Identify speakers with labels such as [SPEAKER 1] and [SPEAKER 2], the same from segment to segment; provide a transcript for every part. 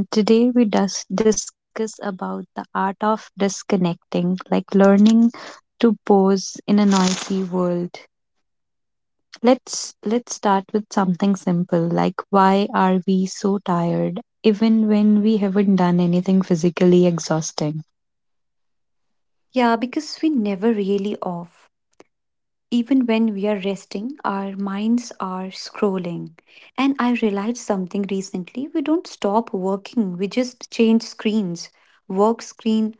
[SPEAKER 1] And today we discuss about the art of disconnecting, like learning to pause in a noisy world. Let's start with something simple, like why are we so tired, even when we haven't done anything physically exhausting?
[SPEAKER 2] Yeah, because we never really off. Even when we are resting, our minds are scrolling. And I realized something recently we don't stop working, we just change screens work screen,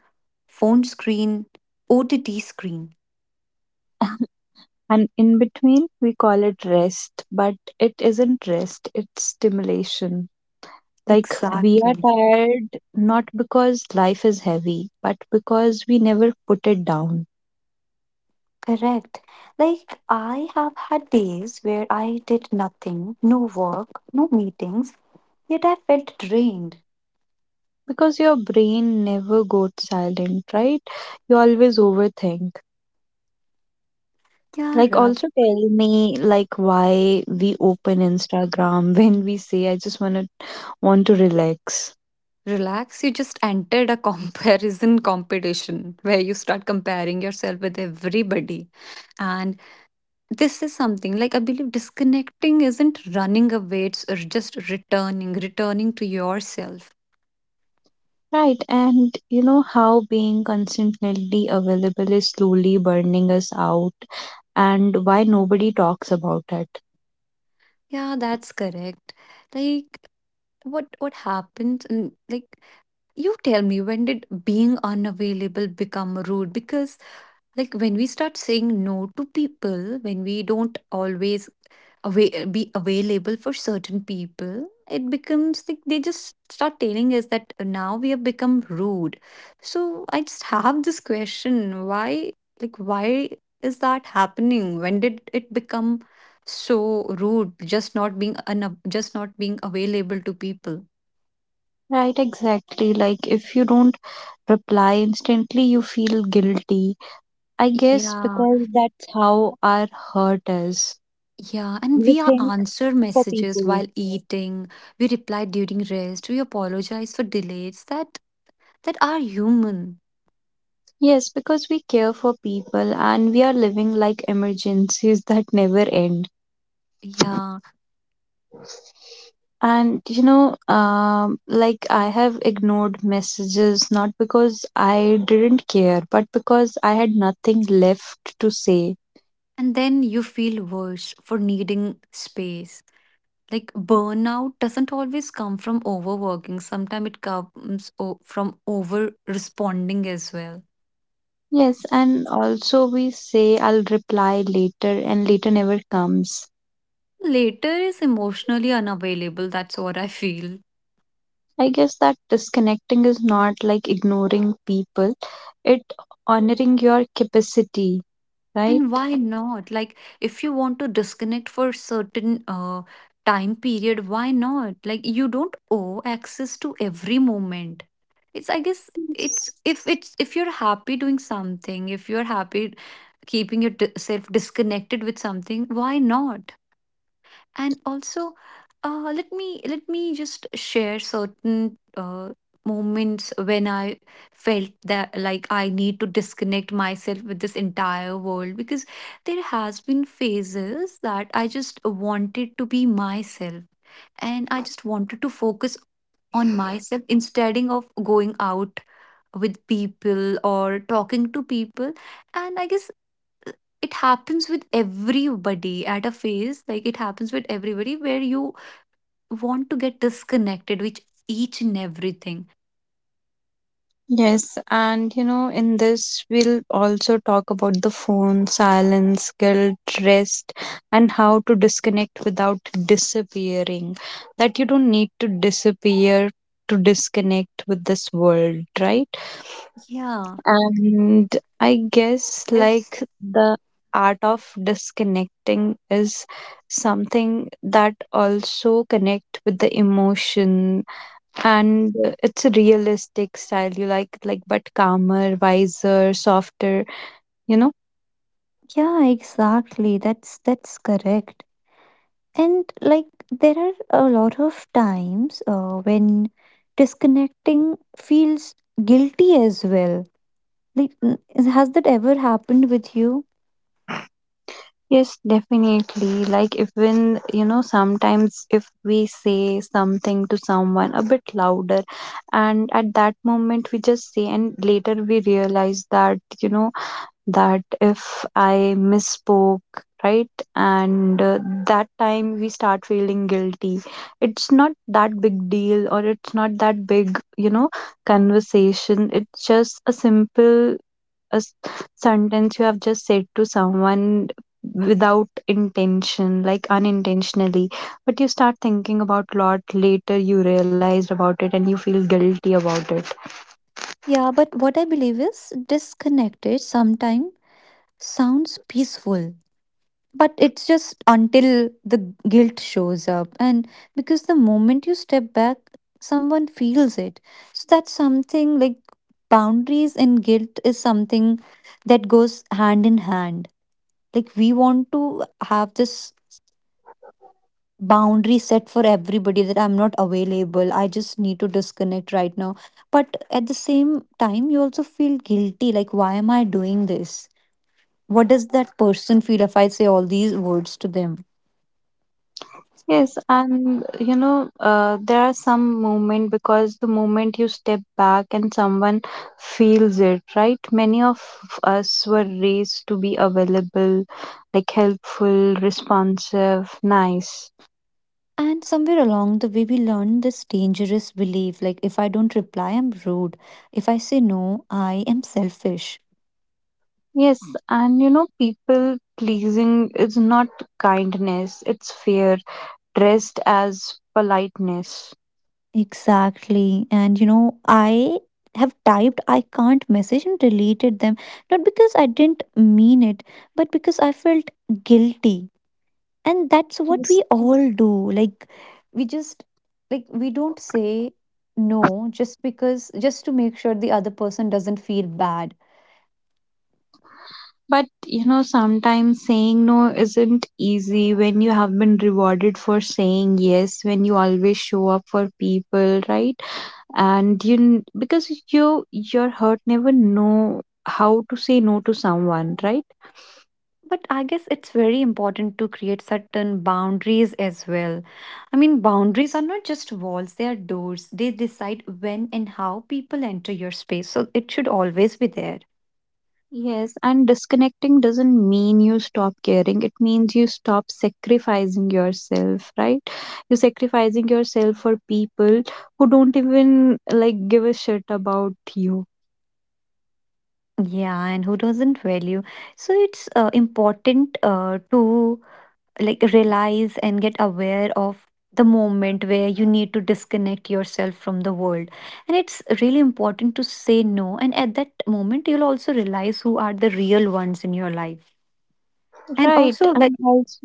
[SPEAKER 2] phone screen, OTT screen.
[SPEAKER 1] And in between, we call it rest, but it isn't rest; it's stimulation. Like, we are
[SPEAKER 2] Exactly.
[SPEAKER 1] tired not because life is heavy, but because we never put it down.
[SPEAKER 2] Correct. Like, I have had days where I did nothing, no work, no meetings, yet I felt drained.
[SPEAKER 1] Because your brain never goes silent, right? You always overthink.
[SPEAKER 2] Yeah,
[SPEAKER 1] Like,
[SPEAKER 2] right.
[SPEAKER 1] also tell me, like, why we open Instagram when we say, I just want to relax.
[SPEAKER 2] Relax, you just entered a comparison competition where you start comparing yourself with everybody. And this is something like I believe disconnecting isn't running away, it's just returning, returning to yourself.
[SPEAKER 1] Right, and you know how being constantly available is slowly burning us out, and why nobody talks about it.
[SPEAKER 2] Yeah, that's correct. Like what happens and like you tell me, when did being unavailable become rude? Because, like, when we start saying no to people, when we don't always away, be available for certain people, it becomes like they just start telling us that now we have become rude. So, I just have this question why, like, why is that happening? When did it become so rude? Just not being, un- just not being available to people.
[SPEAKER 1] Right, exactly. Like, if you don't reply, instantly you feel guilty. I guess
[SPEAKER 2] Yeah.
[SPEAKER 1] because that's how our hurt is.
[SPEAKER 2] Yeah, and
[SPEAKER 1] We
[SPEAKER 2] we are
[SPEAKER 1] think
[SPEAKER 2] answer
[SPEAKER 1] for
[SPEAKER 2] messages
[SPEAKER 1] people.
[SPEAKER 2] while eating. We reply during rest. We apologize for delays that are human.
[SPEAKER 1] Yes, because we care for people and we are living like emergencies that never end.
[SPEAKER 2] Yeah,
[SPEAKER 1] And you know, like I have ignored messages not because I didn't care, but because I had nothing left to say.
[SPEAKER 2] and then you feel worse for needing space. Like burnout doesn't always come from overworking. Sometimes it comes from over responding as well.
[SPEAKER 1] Yes, and also we say I'll reply later, and later never comes.
[SPEAKER 2] Later is emotionally unavailable. That's what I feel.
[SPEAKER 1] I guess that disconnecting is not like ignoring people, it honoring your capacity, right?
[SPEAKER 2] And why not? Like, if you want to disconnect for certain time period, why not? Like, you don't owe access to every moment. It's, I guess, it's if you're happy doing something, if you're happy keeping yourself disconnected with something, why not? And also, let me just share certain moments when I felt that like I need to disconnect myself with this entire world because there has been phases that I just wanted to be myself and I just wanted to focus on myself instead of going out with people or talking to people, and I guess it happens with everybody at a phase. Like it happens with everybody where you want to get disconnected with each and everything.
[SPEAKER 1] Yes, and you know, in this, we'll also talk about the phone, silence, guilt, rest, and how to disconnect without disappearing. That you don't need to disappear to disconnect with this world, right?
[SPEAKER 2] Yeah.
[SPEAKER 1] And I guess
[SPEAKER 2] Yes.
[SPEAKER 1] like the art of disconnecting is something that also connect with the emotion and it's a realistic style you like but calmer, wiser, softer, you know.
[SPEAKER 2] Yeah, exactly. That's correct. And like there are a lot of times when disconnecting feels guilty as well. Like n- has that ever happened with you?
[SPEAKER 1] Yes, definitely. Like, even, you know, sometimes if we say something to someone a bit louder, and at that moment we just say, and later we realize that, you know, that if I misspoke, right, and that time we start feeling guilty. It's not that big deal, or it's not that big, you know, conversation. It's just a simple a s- sentence you have just said to someone without intention, like unintentionally, but you start thinking about lot later, you realized about it and you feel guilty about it.
[SPEAKER 2] Yeah, but what I believe is disconnected sometimes sounds peaceful, but it's just until the guilt shows up. And because the moment you step back, someone feels it. So that's something like boundaries and guilt is something that goes hand in hand. Like we want to have this boundary set for everybody that I'm not available, I just need to disconnect right now, but at the same time you also feel guilty like why am I doing this? What does that person feel if I say all these words to them?
[SPEAKER 1] Yes, and you know, there are some moment because the moment you step back and someone feels it, right, many of us were raised to be available, like helpful, responsive, nice.
[SPEAKER 2] And somewhere along the way we learn this dangerous belief like if I don't reply I'm rude, if I say no I am selfish.
[SPEAKER 1] Yes, and you know, people pleasing is not kindness, it's fear dressed as politeness.
[SPEAKER 2] Exactly. And you know, I have typed I can't message and deleted them, not because I didn't mean it, but because I felt guilty. And that's what
[SPEAKER 1] Yes.
[SPEAKER 2] we all do. Like, we just, like, we don't say no just because, just to make sure the other person doesn't feel bad.
[SPEAKER 1] But you know, sometimes saying no isn't easy when you have been rewarded for saying yes, when you always show up for people, right? And you, because you, your heart never know how to say no to someone, right?
[SPEAKER 2] But I guess it's very important to create certain boundaries as well. I mean, boundaries are not just walls, they are doors. They decide when and how people enter your space. So it should always be there.
[SPEAKER 1] Yes, and disconnecting doesn't mean you stop caring. It means you stop sacrificing yourself, right? You're sacrificing yourself for people who don't even like give a shit about you.
[SPEAKER 2] Yeah, and who doesn't value? So it's important to like realize and get aware of the moment where you need to disconnect yourself from the world. And it's really important to say no. And at that moment, you'll also realize who are the real ones in your life. And
[SPEAKER 1] Right.
[SPEAKER 2] also, like,
[SPEAKER 1] And also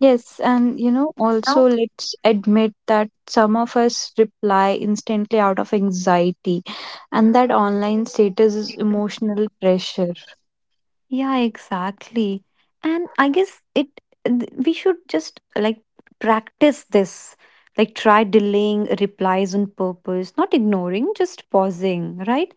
[SPEAKER 1] yes, and you know,
[SPEAKER 2] you know,
[SPEAKER 1] also let's admit that some of us reply instantly out of anxiety and that online status is emotional pressure.
[SPEAKER 2] yeah, exactly. And I guess we should just like practice this, like, try delaying replies on purpose, not ignoring, just pausing, right?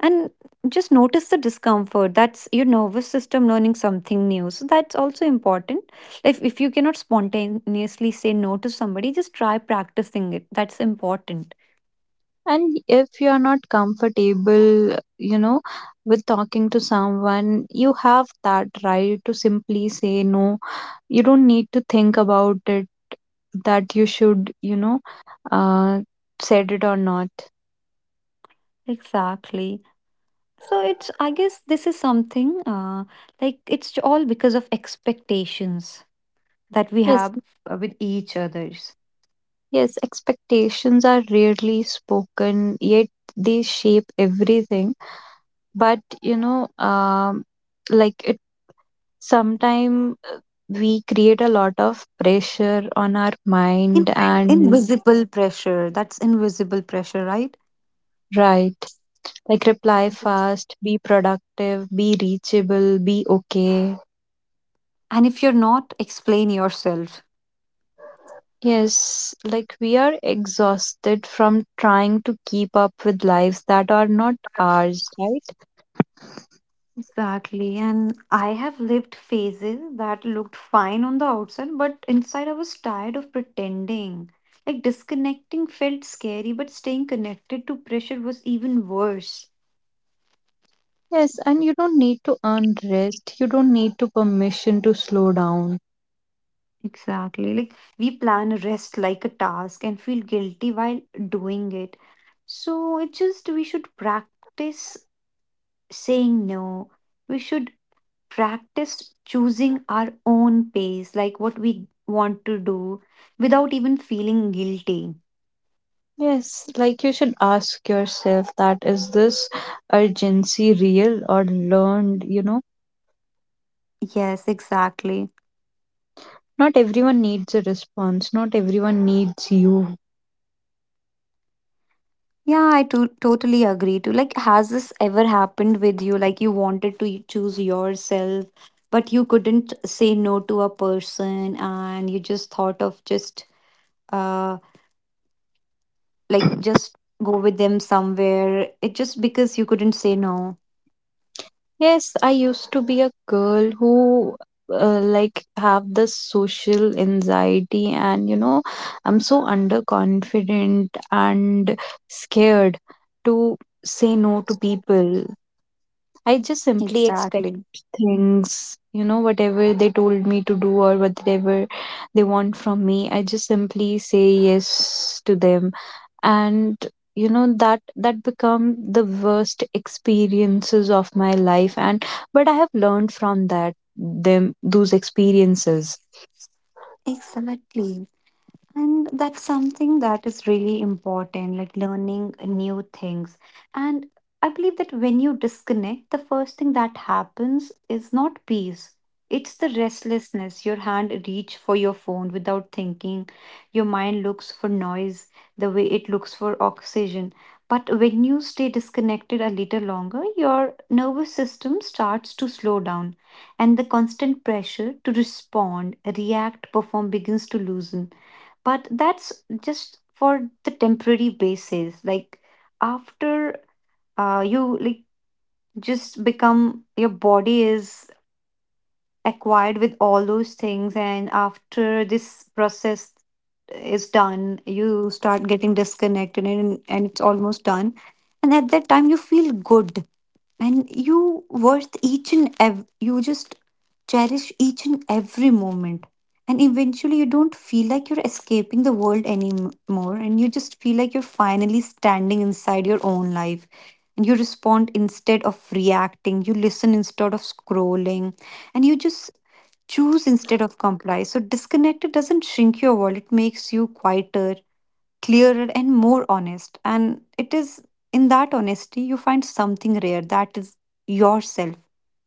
[SPEAKER 2] And just notice the discomfort. That's your nervous system learning something new. So that's also important. If you cannot spontaneously say no to somebody, just try practicing it. That's important.
[SPEAKER 1] And if you're not comfortable, you know, with talking to someone, you have that right to simply say no. You don't need to think about it that you should, you know, uh, said it or not.
[SPEAKER 2] Exactly. So it's, I guess, this is something like it's all because of expectations that we
[SPEAKER 1] Yes,
[SPEAKER 2] have with each others.
[SPEAKER 1] yes, expectations are rarely spoken, yet they shape everything. But, you know, like it sometime we create a lot of pressure on our
[SPEAKER 2] In-
[SPEAKER 1] mind and
[SPEAKER 2] Invisible pressure. That's invisible pressure, right?
[SPEAKER 1] right. Like reply fast, be productive, be reachable, be okay.
[SPEAKER 2] And if you're not, explain yourself.
[SPEAKER 1] Yes, like we are exhausted from trying to keep up with lives that are not ours, right?
[SPEAKER 2] Exactly. And I have lived phases that looked fine on the outside, but inside I was tired of pretending. Like disconnecting felt scary, but staying connected to pressure was even worse.
[SPEAKER 1] Yes, and you don't need to earn rest. You don't need to permission to slow down.
[SPEAKER 2] Exactly. Like we plan rest like a task and feel guilty while doing it. So it's just we should practice saying no. We should practice choosing our own pace, like what we want to do without even feeling guilty.
[SPEAKER 1] Yes, like you should ask yourself that is this urgency real or learned, you know?
[SPEAKER 2] Yes, exactly.
[SPEAKER 1] Not everyone needs a response. Not everyone needs you.
[SPEAKER 2] Yeah, totally agree too. Like, has this ever happened with you? Like, you wanted to choose yourself, but you couldn't say no to a person, and you just thought of just, uh, like, just go with them somewhere. It just because you couldn't say no.
[SPEAKER 1] Yes, I used to be a girl who like have this social anxiety and you know I'm so underconfident and scared to say no to people. I just simply expect
[SPEAKER 2] Exactly.
[SPEAKER 1] things, you know, whatever they told me to do or whatever they want from me. I just simply say yes to them and you know that that become the worst experiences of my life, and but I have learned from that them those experiences.
[SPEAKER 2] Exactly. And that's something that is really important, like learning new things. And I believe that when you disconnect, the first thing that happens is not peace. It's the restlessness. Your hand reach for your phone without thinking. Your mind looks for noise the way it looks for oxygen. But when you stay disconnected a little longer, your nervous system starts to slow down, and the constant pressure to respond, react, perform begins to loosen, but that's just for the temporary basis. Like after you like just become your body is acquired with all those things, and after this process is done you start getting disconnected, and it's almost done. And at that time you feel good, and you just cherish each and every moment. And eventually you don't feel like you're escaping the world anymore, and you just feel like you're finally standing inside your own life. And you respond instead of reacting, you listen instead of scrolling, and you just choose instead of comply. So disconnected doesn't shrink your world, it makes you quieter, clearer and more honest. And it is in that honesty you find something rare, that is yourself,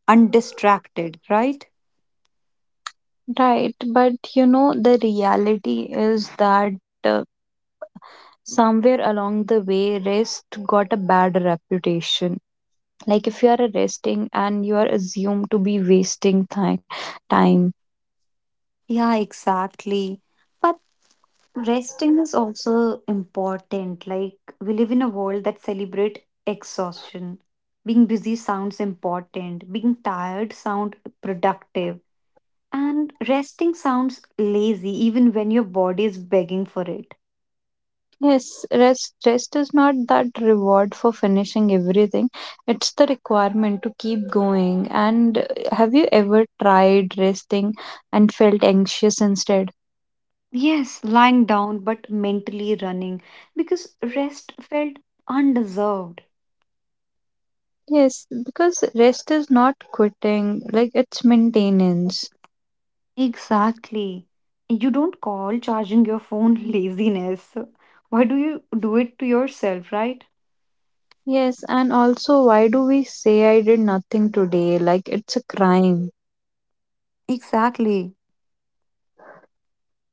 [SPEAKER 2] undistracted, right?
[SPEAKER 1] Right, but you know the reality is that somewhere along the way rest got a bad reputation, like if you are resting and you are assumed to be wasting time.
[SPEAKER 2] Yeah, exactly. But resting is also important. Like, we live in a world that celebrate exhaustion. Being busy sounds important, being tired sounds productive, and resting sounds lazy even when your body is begging for it.
[SPEAKER 1] Yes, rest is not that reward for finishing everything. It's the requirement to keep going. And have you ever tried resting and felt anxious instead?
[SPEAKER 2] Yes, lying down but mentally running because rest felt undeserved.
[SPEAKER 1] Yes, because rest is not quitting, like it's maintenance.
[SPEAKER 2] Exactly. You don't call charging your phone laziness. Why do you do it to yourself, right?
[SPEAKER 1] Yes, and also why do we say I did nothing today? Like it's a crime.
[SPEAKER 2] Exactly.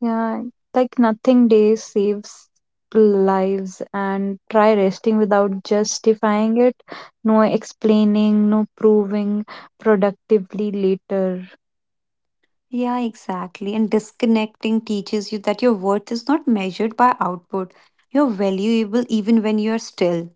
[SPEAKER 1] Yeah, like nothing day saves lives, and try resting without justifying it. No explaining, no proving productively later.
[SPEAKER 2] Yeah, exactly. And disconnecting teaches you that your worth is not measured by output. You're valuable even when you're still.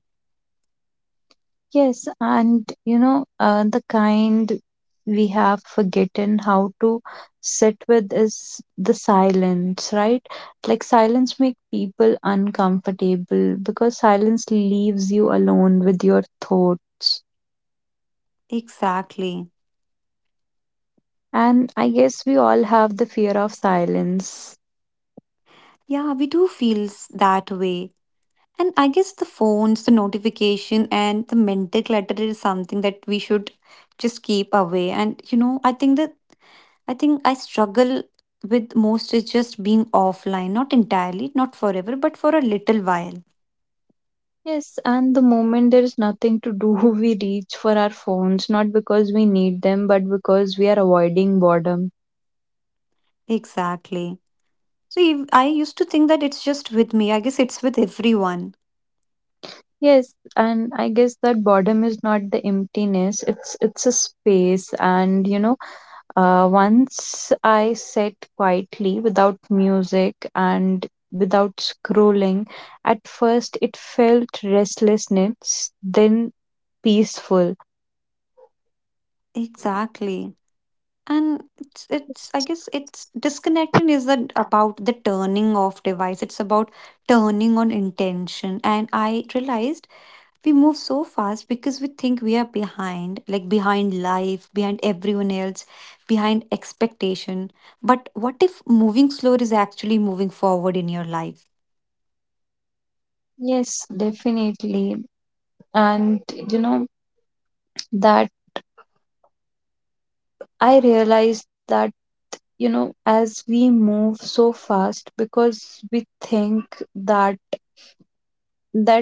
[SPEAKER 1] Yes, and you know, the kind we have forgotten how to sit with is the silence, right? Like silence make people uncomfortable because silence leaves you alone with your thoughts.
[SPEAKER 2] Exactly.
[SPEAKER 1] And I guess we all have the fear of silence.
[SPEAKER 2] Yeah, we do feel that way. And I guess the phones, the notification, and the mental clutter is something that we should just keep away. And you know, I think I struggle with most is just being offline, not entirely, not forever, but for a little while.
[SPEAKER 1] Yes, and the moment there is nothing to do, we reach for our phones, not because we need them, but because we are avoiding boredom.
[SPEAKER 2] Exactly. So I used to think that it's just with me. I guess it's with everyone.
[SPEAKER 1] Yes, and I guess that boredom is not the emptiness, it's a space. And you know, once I sat quietly without music and without scrolling, at first it felt restlessness, then peaceful.
[SPEAKER 2] Exactly. And it's I guess it's disconnecting is that about the turning off device, it's about turning on intention. And I realized we move so fast because we think we are behind, like behind life, behind everyone else, behind expectation. But what if moving slower is actually moving forward in your life?
[SPEAKER 1] Yes, definitely. And you know that I realize that you know as we move so fast because we think that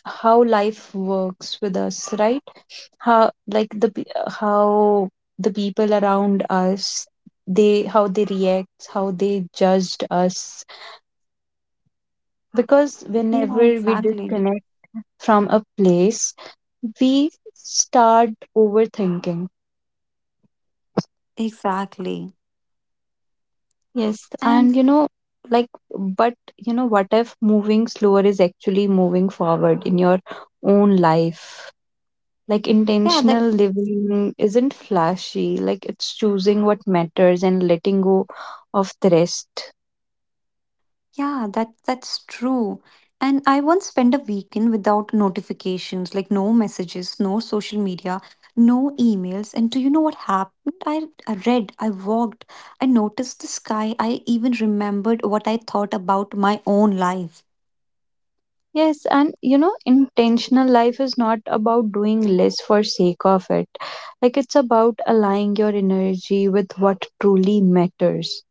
[SPEAKER 1] how life works with us, right? How like how the people around us, they how they react, how they judged us, because
[SPEAKER 2] Yeah,
[SPEAKER 1] whenever we
[SPEAKER 2] exactly.
[SPEAKER 1] disconnect from a place, we start overthinking.
[SPEAKER 2] Exactly.
[SPEAKER 1] Yes,
[SPEAKER 2] And
[SPEAKER 1] and you know, like, but you know, what if moving slower is actually moving forward in your own life? Like,
[SPEAKER 2] yeah, that
[SPEAKER 1] intentional living isn't flashy, like, it's choosing what matters and letting go of the rest.
[SPEAKER 2] yeah, that that's true. And I once spent a weekend without notifications, like no messages, no social media, no emails. And do you know what happened? I read, I walked, I noticed the sky. I even remembered what I thought about my own life.
[SPEAKER 1] Yes, and you know, intentional life is not about doing less for sake of it. Like, it's about aligning your energy with what truly matters.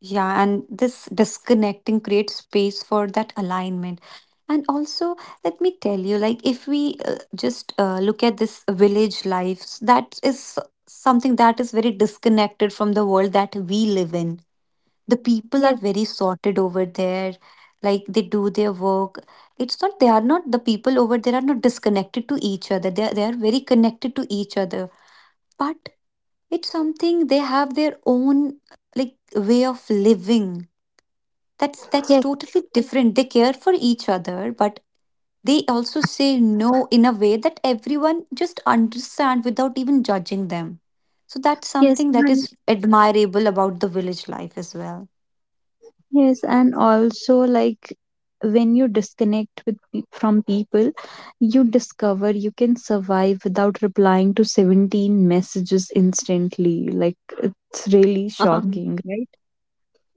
[SPEAKER 2] Yeah, and this disconnecting creates space for that alignment. And also, let me tell you, like, if we just look at this village life, that is something that is very disconnected from the world that we live in. The people are
[SPEAKER 1] Yes,
[SPEAKER 2] very sorted over there, like, they do their work. It's not, they are not, the people over there are not disconnected to each other. They are very connected to each other. But it's something they have their own, like, way of living that's
[SPEAKER 1] yes,
[SPEAKER 2] totally different. They care for each other, but they also say no in a way that everyone just understand without even judging them. So that's
[SPEAKER 1] yes.
[SPEAKER 2] something that
[SPEAKER 1] And.
[SPEAKER 2] is admirable about the village life as well.
[SPEAKER 1] Yes, and also like when you disconnect with from people, you discover you can survive without replying to 17 messages instantly. Like it's really shocking, right?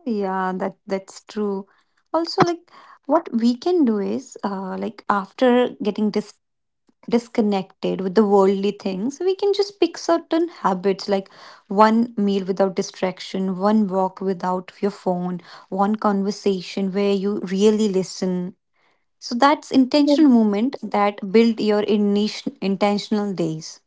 [SPEAKER 2] Yeah, that that's true. Also, like what we can do is like after getting this disconnected with the worldly things, we can just pick certain habits like one meal without distraction, one walk without your phone, one conversation where you really listen. So that's
[SPEAKER 1] Yeah.
[SPEAKER 2] intentional movement that build your intentional days.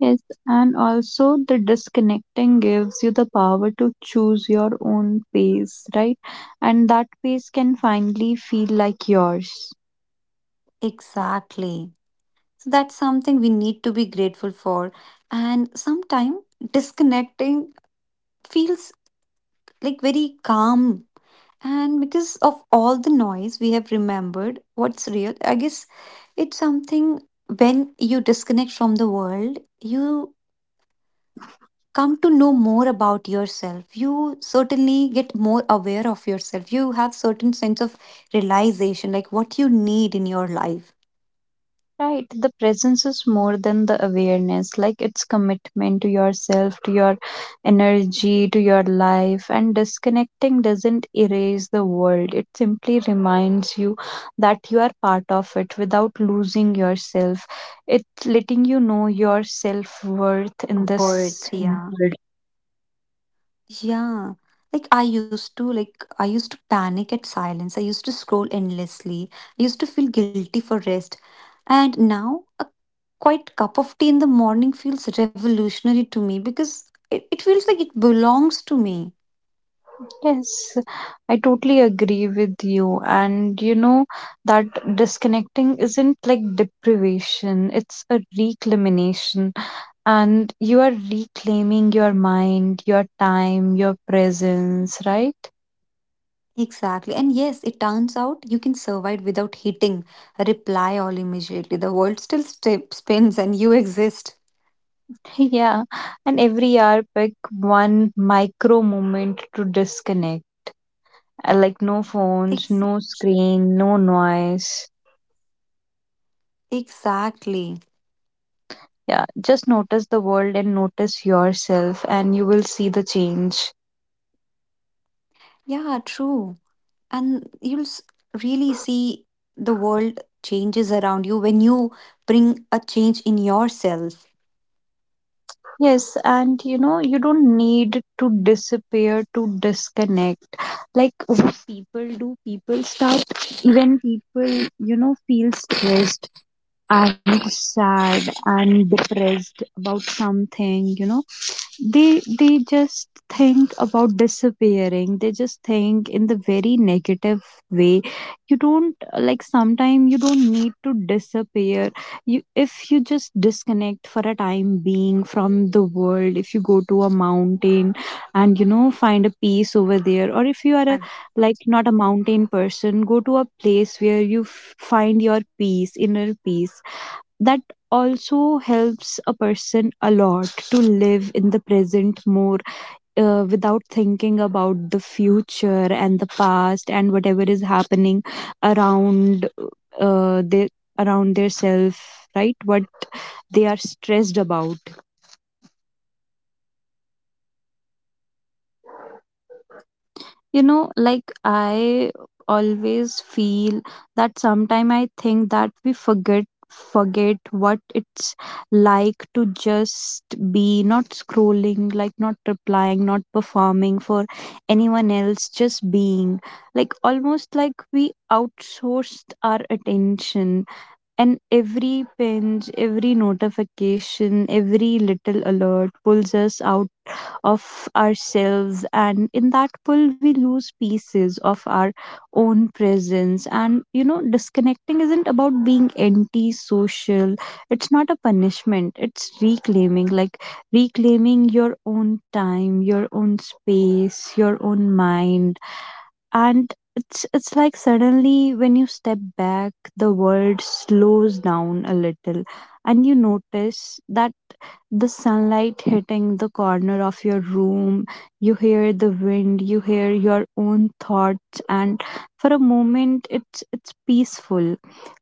[SPEAKER 1] Yes, and also the disconnecting gives you the power to choose your own pace, right? And that pace can finally feel like yours.
[SPEAKER 2] Exactly. So that's something we need to be grateful for. And sometimes disconnecting feels like very calm. And because of all the noise, we have remembered what's real. I guess it's something, when you disconnect from the world, you come to know more about yourself. You certainly get more aware of yourself. You have certain sense of realization, like what you need in your life.
[SPEAKER 1] Right, the presence is more than the awareness, like it's commitment to yourself, to your energy, to your life. And disconnecting doesn't erase the world, it simply reminds you that you are part of it without losing yourself. It's letting you know your self worth in
[SPEAKER 2] Worth,
[SPEAKER 1] this
[SPEAKER 2] yeah.
[SPEAKER 1] world.
[SPEAKER 2] Yeah. Like I used to panic at silence. I used to scroll endlessly. I used to feel guilty for rest. And now a quite cup of tea in the morning feels revolutionary to me because it feels like it belongs to me.
[SPEAKER 1] Yes, I totally agree with you. And you know that disconnecting isn't like deprivation, it's a reclamation. And you are reclaiming your mind, your time, your presence, right?
[SPEAKER 2] Exactly. And yes, it turns out you can survive without hitting a reply all immediately. The world spins and you exist.
[SPEAKER 1] Yeah. And every hour, pick one micro moment to disconnect. Like no
[SPEAKER 2] Ex-
[SPEAKER 1] phones, no screen, no noise.
[SPEAKER 2] exactly.
[SPEAKER 1] Yeah, just notice the world and notice yourself, and you will see the change.
[SPEAKER 2] Yeah, true. And really see the world changes around you when you bring a change in yourself.
[SPEAKER 1] Yes, and you know, you don't need to disappear to disconnect. Like what people do, people start when people, you know, feel stressed and sad and depressed about something, you know, they just think about disappearing, they just think in the very negative way. You don't, like sometimes you don't need to disappear. You, if you just disconnect for a time being from the world, if you go to a mountain and you know find a peace over there, or if you are a like not a mountain person, go to a place where you find your peace, inner peace, that also helps a person a lot to live in the present more, without thinking about the future and the past and whatever is happening around their around their self, right, what they are stressed about. You know, like I always feel that sometime I think that we forget what it's like to just be, not scrolling, like not replying, not performing for anyone else, just being, like almost like we outsourced our attention, and every pinch, every notification, every little alert pulls us out of ourselves, and in that pull we lose pieces of our own presence. And you know disconnecting isn't about being anti-social, it's not a punishment, it's reclaiming, like reclaiming your own time, your own space, your own mind. And it's like suddenly when you step back the world slows down a little, and you notice that the sunlight hitting the corner of your room, you hear the wind, you hear your own thoughts, and for a moment it's peaceful.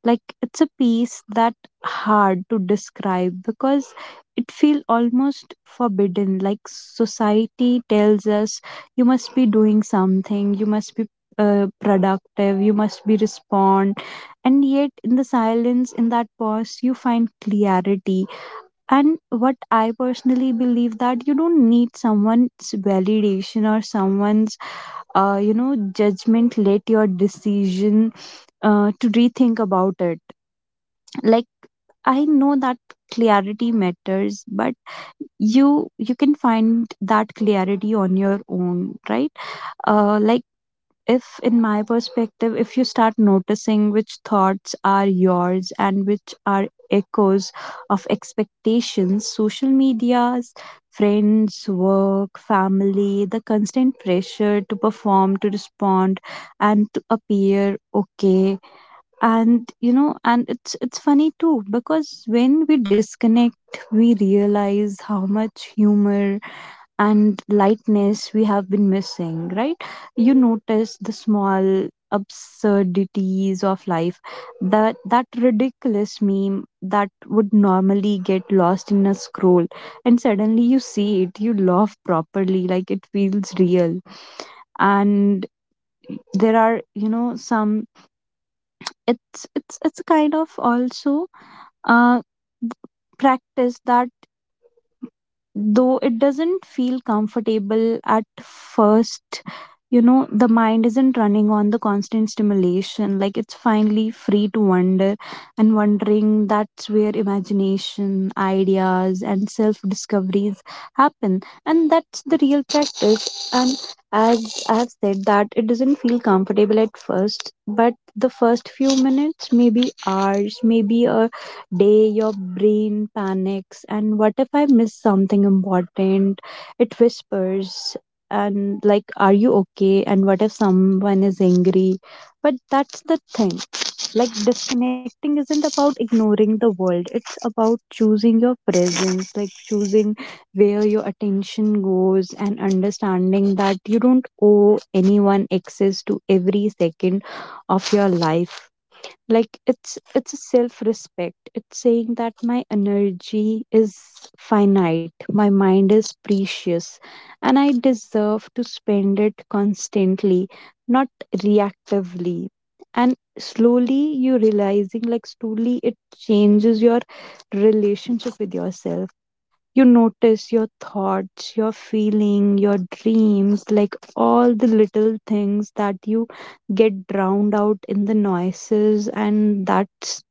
[SPEAKER 1] Like it's a peace that hard to describe because it feel almost forbidden. Like society tells us you must be doing something, you must be productive, you must be respond, and yet in the silence, in that pause, you find clarity. And what I personally believe that you don't need someone's validation or someone's judgment, let your decision to rethink about it. Like I know that clarity matters, but you can find that clarity on your own, right? Like, if in my perspective, if you start noticing which thoughts are yours and which are echoes of expectations, social medias, friends, work, family, the constant pressure to perform, to respond, and to appear okay. And you know and it's funny too, because when we disconnect we realize how much humor and lightness we have been missing, right? You notice the small absurdities of life, that ridiculous meme that would normally get lost in a scroll, and suddenly you see it, you laugh properly, like it feels real. And there are some, it's kind of also uh practice that, though it doesn't feel comfortable at first, the mind isn't running on the constant stimulation. Like, it's finally free to wander, and wondering, that's where imagination, ideas, and self discoveries happen. And that's the real practice. And as I've said, that it doesn't feel comfortable at first, but the first few minutes, maybe hours, maybe a day, your brain panics. And what if I miss something important, it whispers. And like, are you okay, and what if someone is angry? But that's the thing. Like, disconnecting isn't about ignoring the world, it's about choosing your presence, like choosing where your attention goes and understanding that you don't owe anyone access to every second of your life. Like, it's a self respect, it's saying that my energy is finite, my mind is precious, and I deserve to spend it constantly, not reactively. And slowly you realizing, like, slowly it changes your relationship with yourself. You notice your thoughts, your feeling, your dreams, like all the little things that you get drowned out in the noises, and that's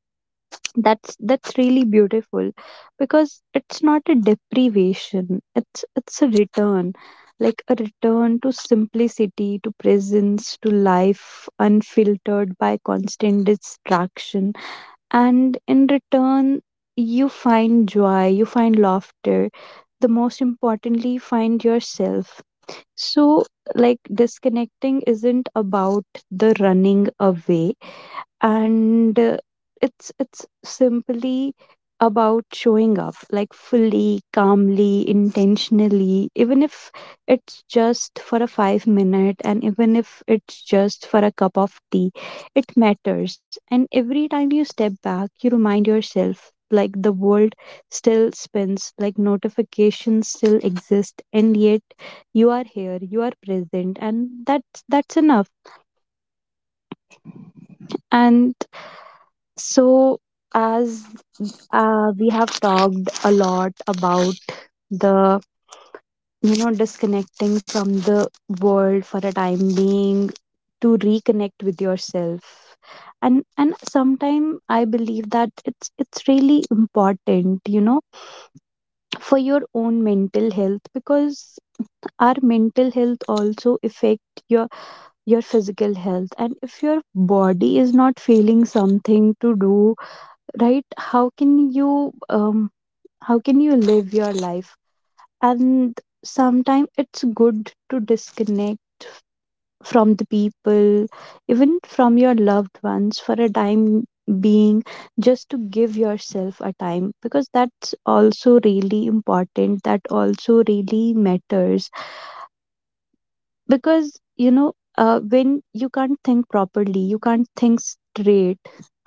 [SPEAKER 1] that's that's really beautiful. Because it's not a deprivation, it's a return, like a return to simplicity, to presence, to life unfiltered by constant distraction. And in return you find joy, you find laughter, the most importantly, find yourself. So, like, disconnecting isn't about the running away, and it's simply about showing up, like fully, calmly, intentionally, even if it's just for a 5 minute, and even if it's just for a cup of tea, it matters. And every time you step back, you remind yourself, like, the world still spins, like notifications still exist, and yet you are here, you are present, and that's enough. And so, as we have talked a lot about the disconnecting from the world for a time being, to reconnect with yourself. And sometimes I believe that it's really important, for your own mental health, because our mental health also affect your physical health. And if your body is not feeling something to do, right, how can you live your life? And sometimes it's good to disconnect from the people, even from your loved ones, for a time being, just to give yourself a time, because that's also really important, that also really matters. Because when you can't think properly, you can't think straight,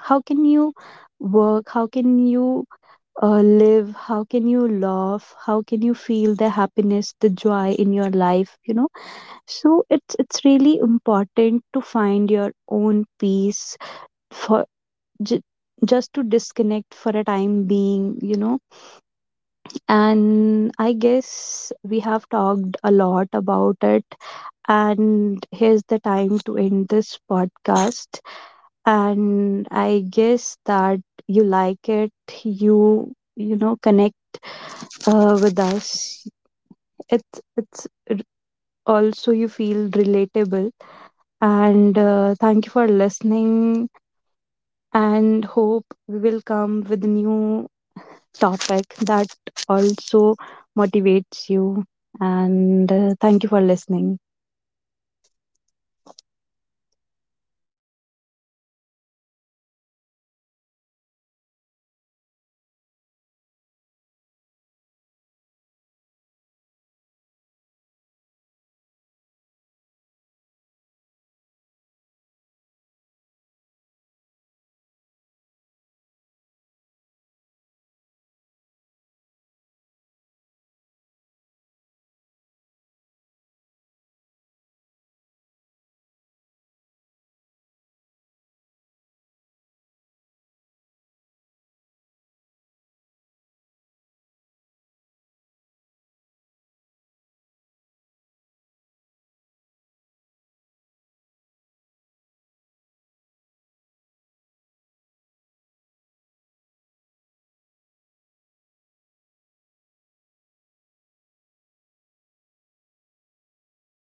[SPEAKER 1] how can you work, how can you live, how can you laugh, how can you feel the happiness, the joy in your life, so it's really important to find your own peace, for j- just to disconnect for a time being, and I guess we have talked a lot about it. And here's the time to end this podcast. And I guess that you like it, you know connect with us. It's r- also you feel relatable. And thank you for listening. And hope we will come with a new topic that also motivates you. And thank you for listening.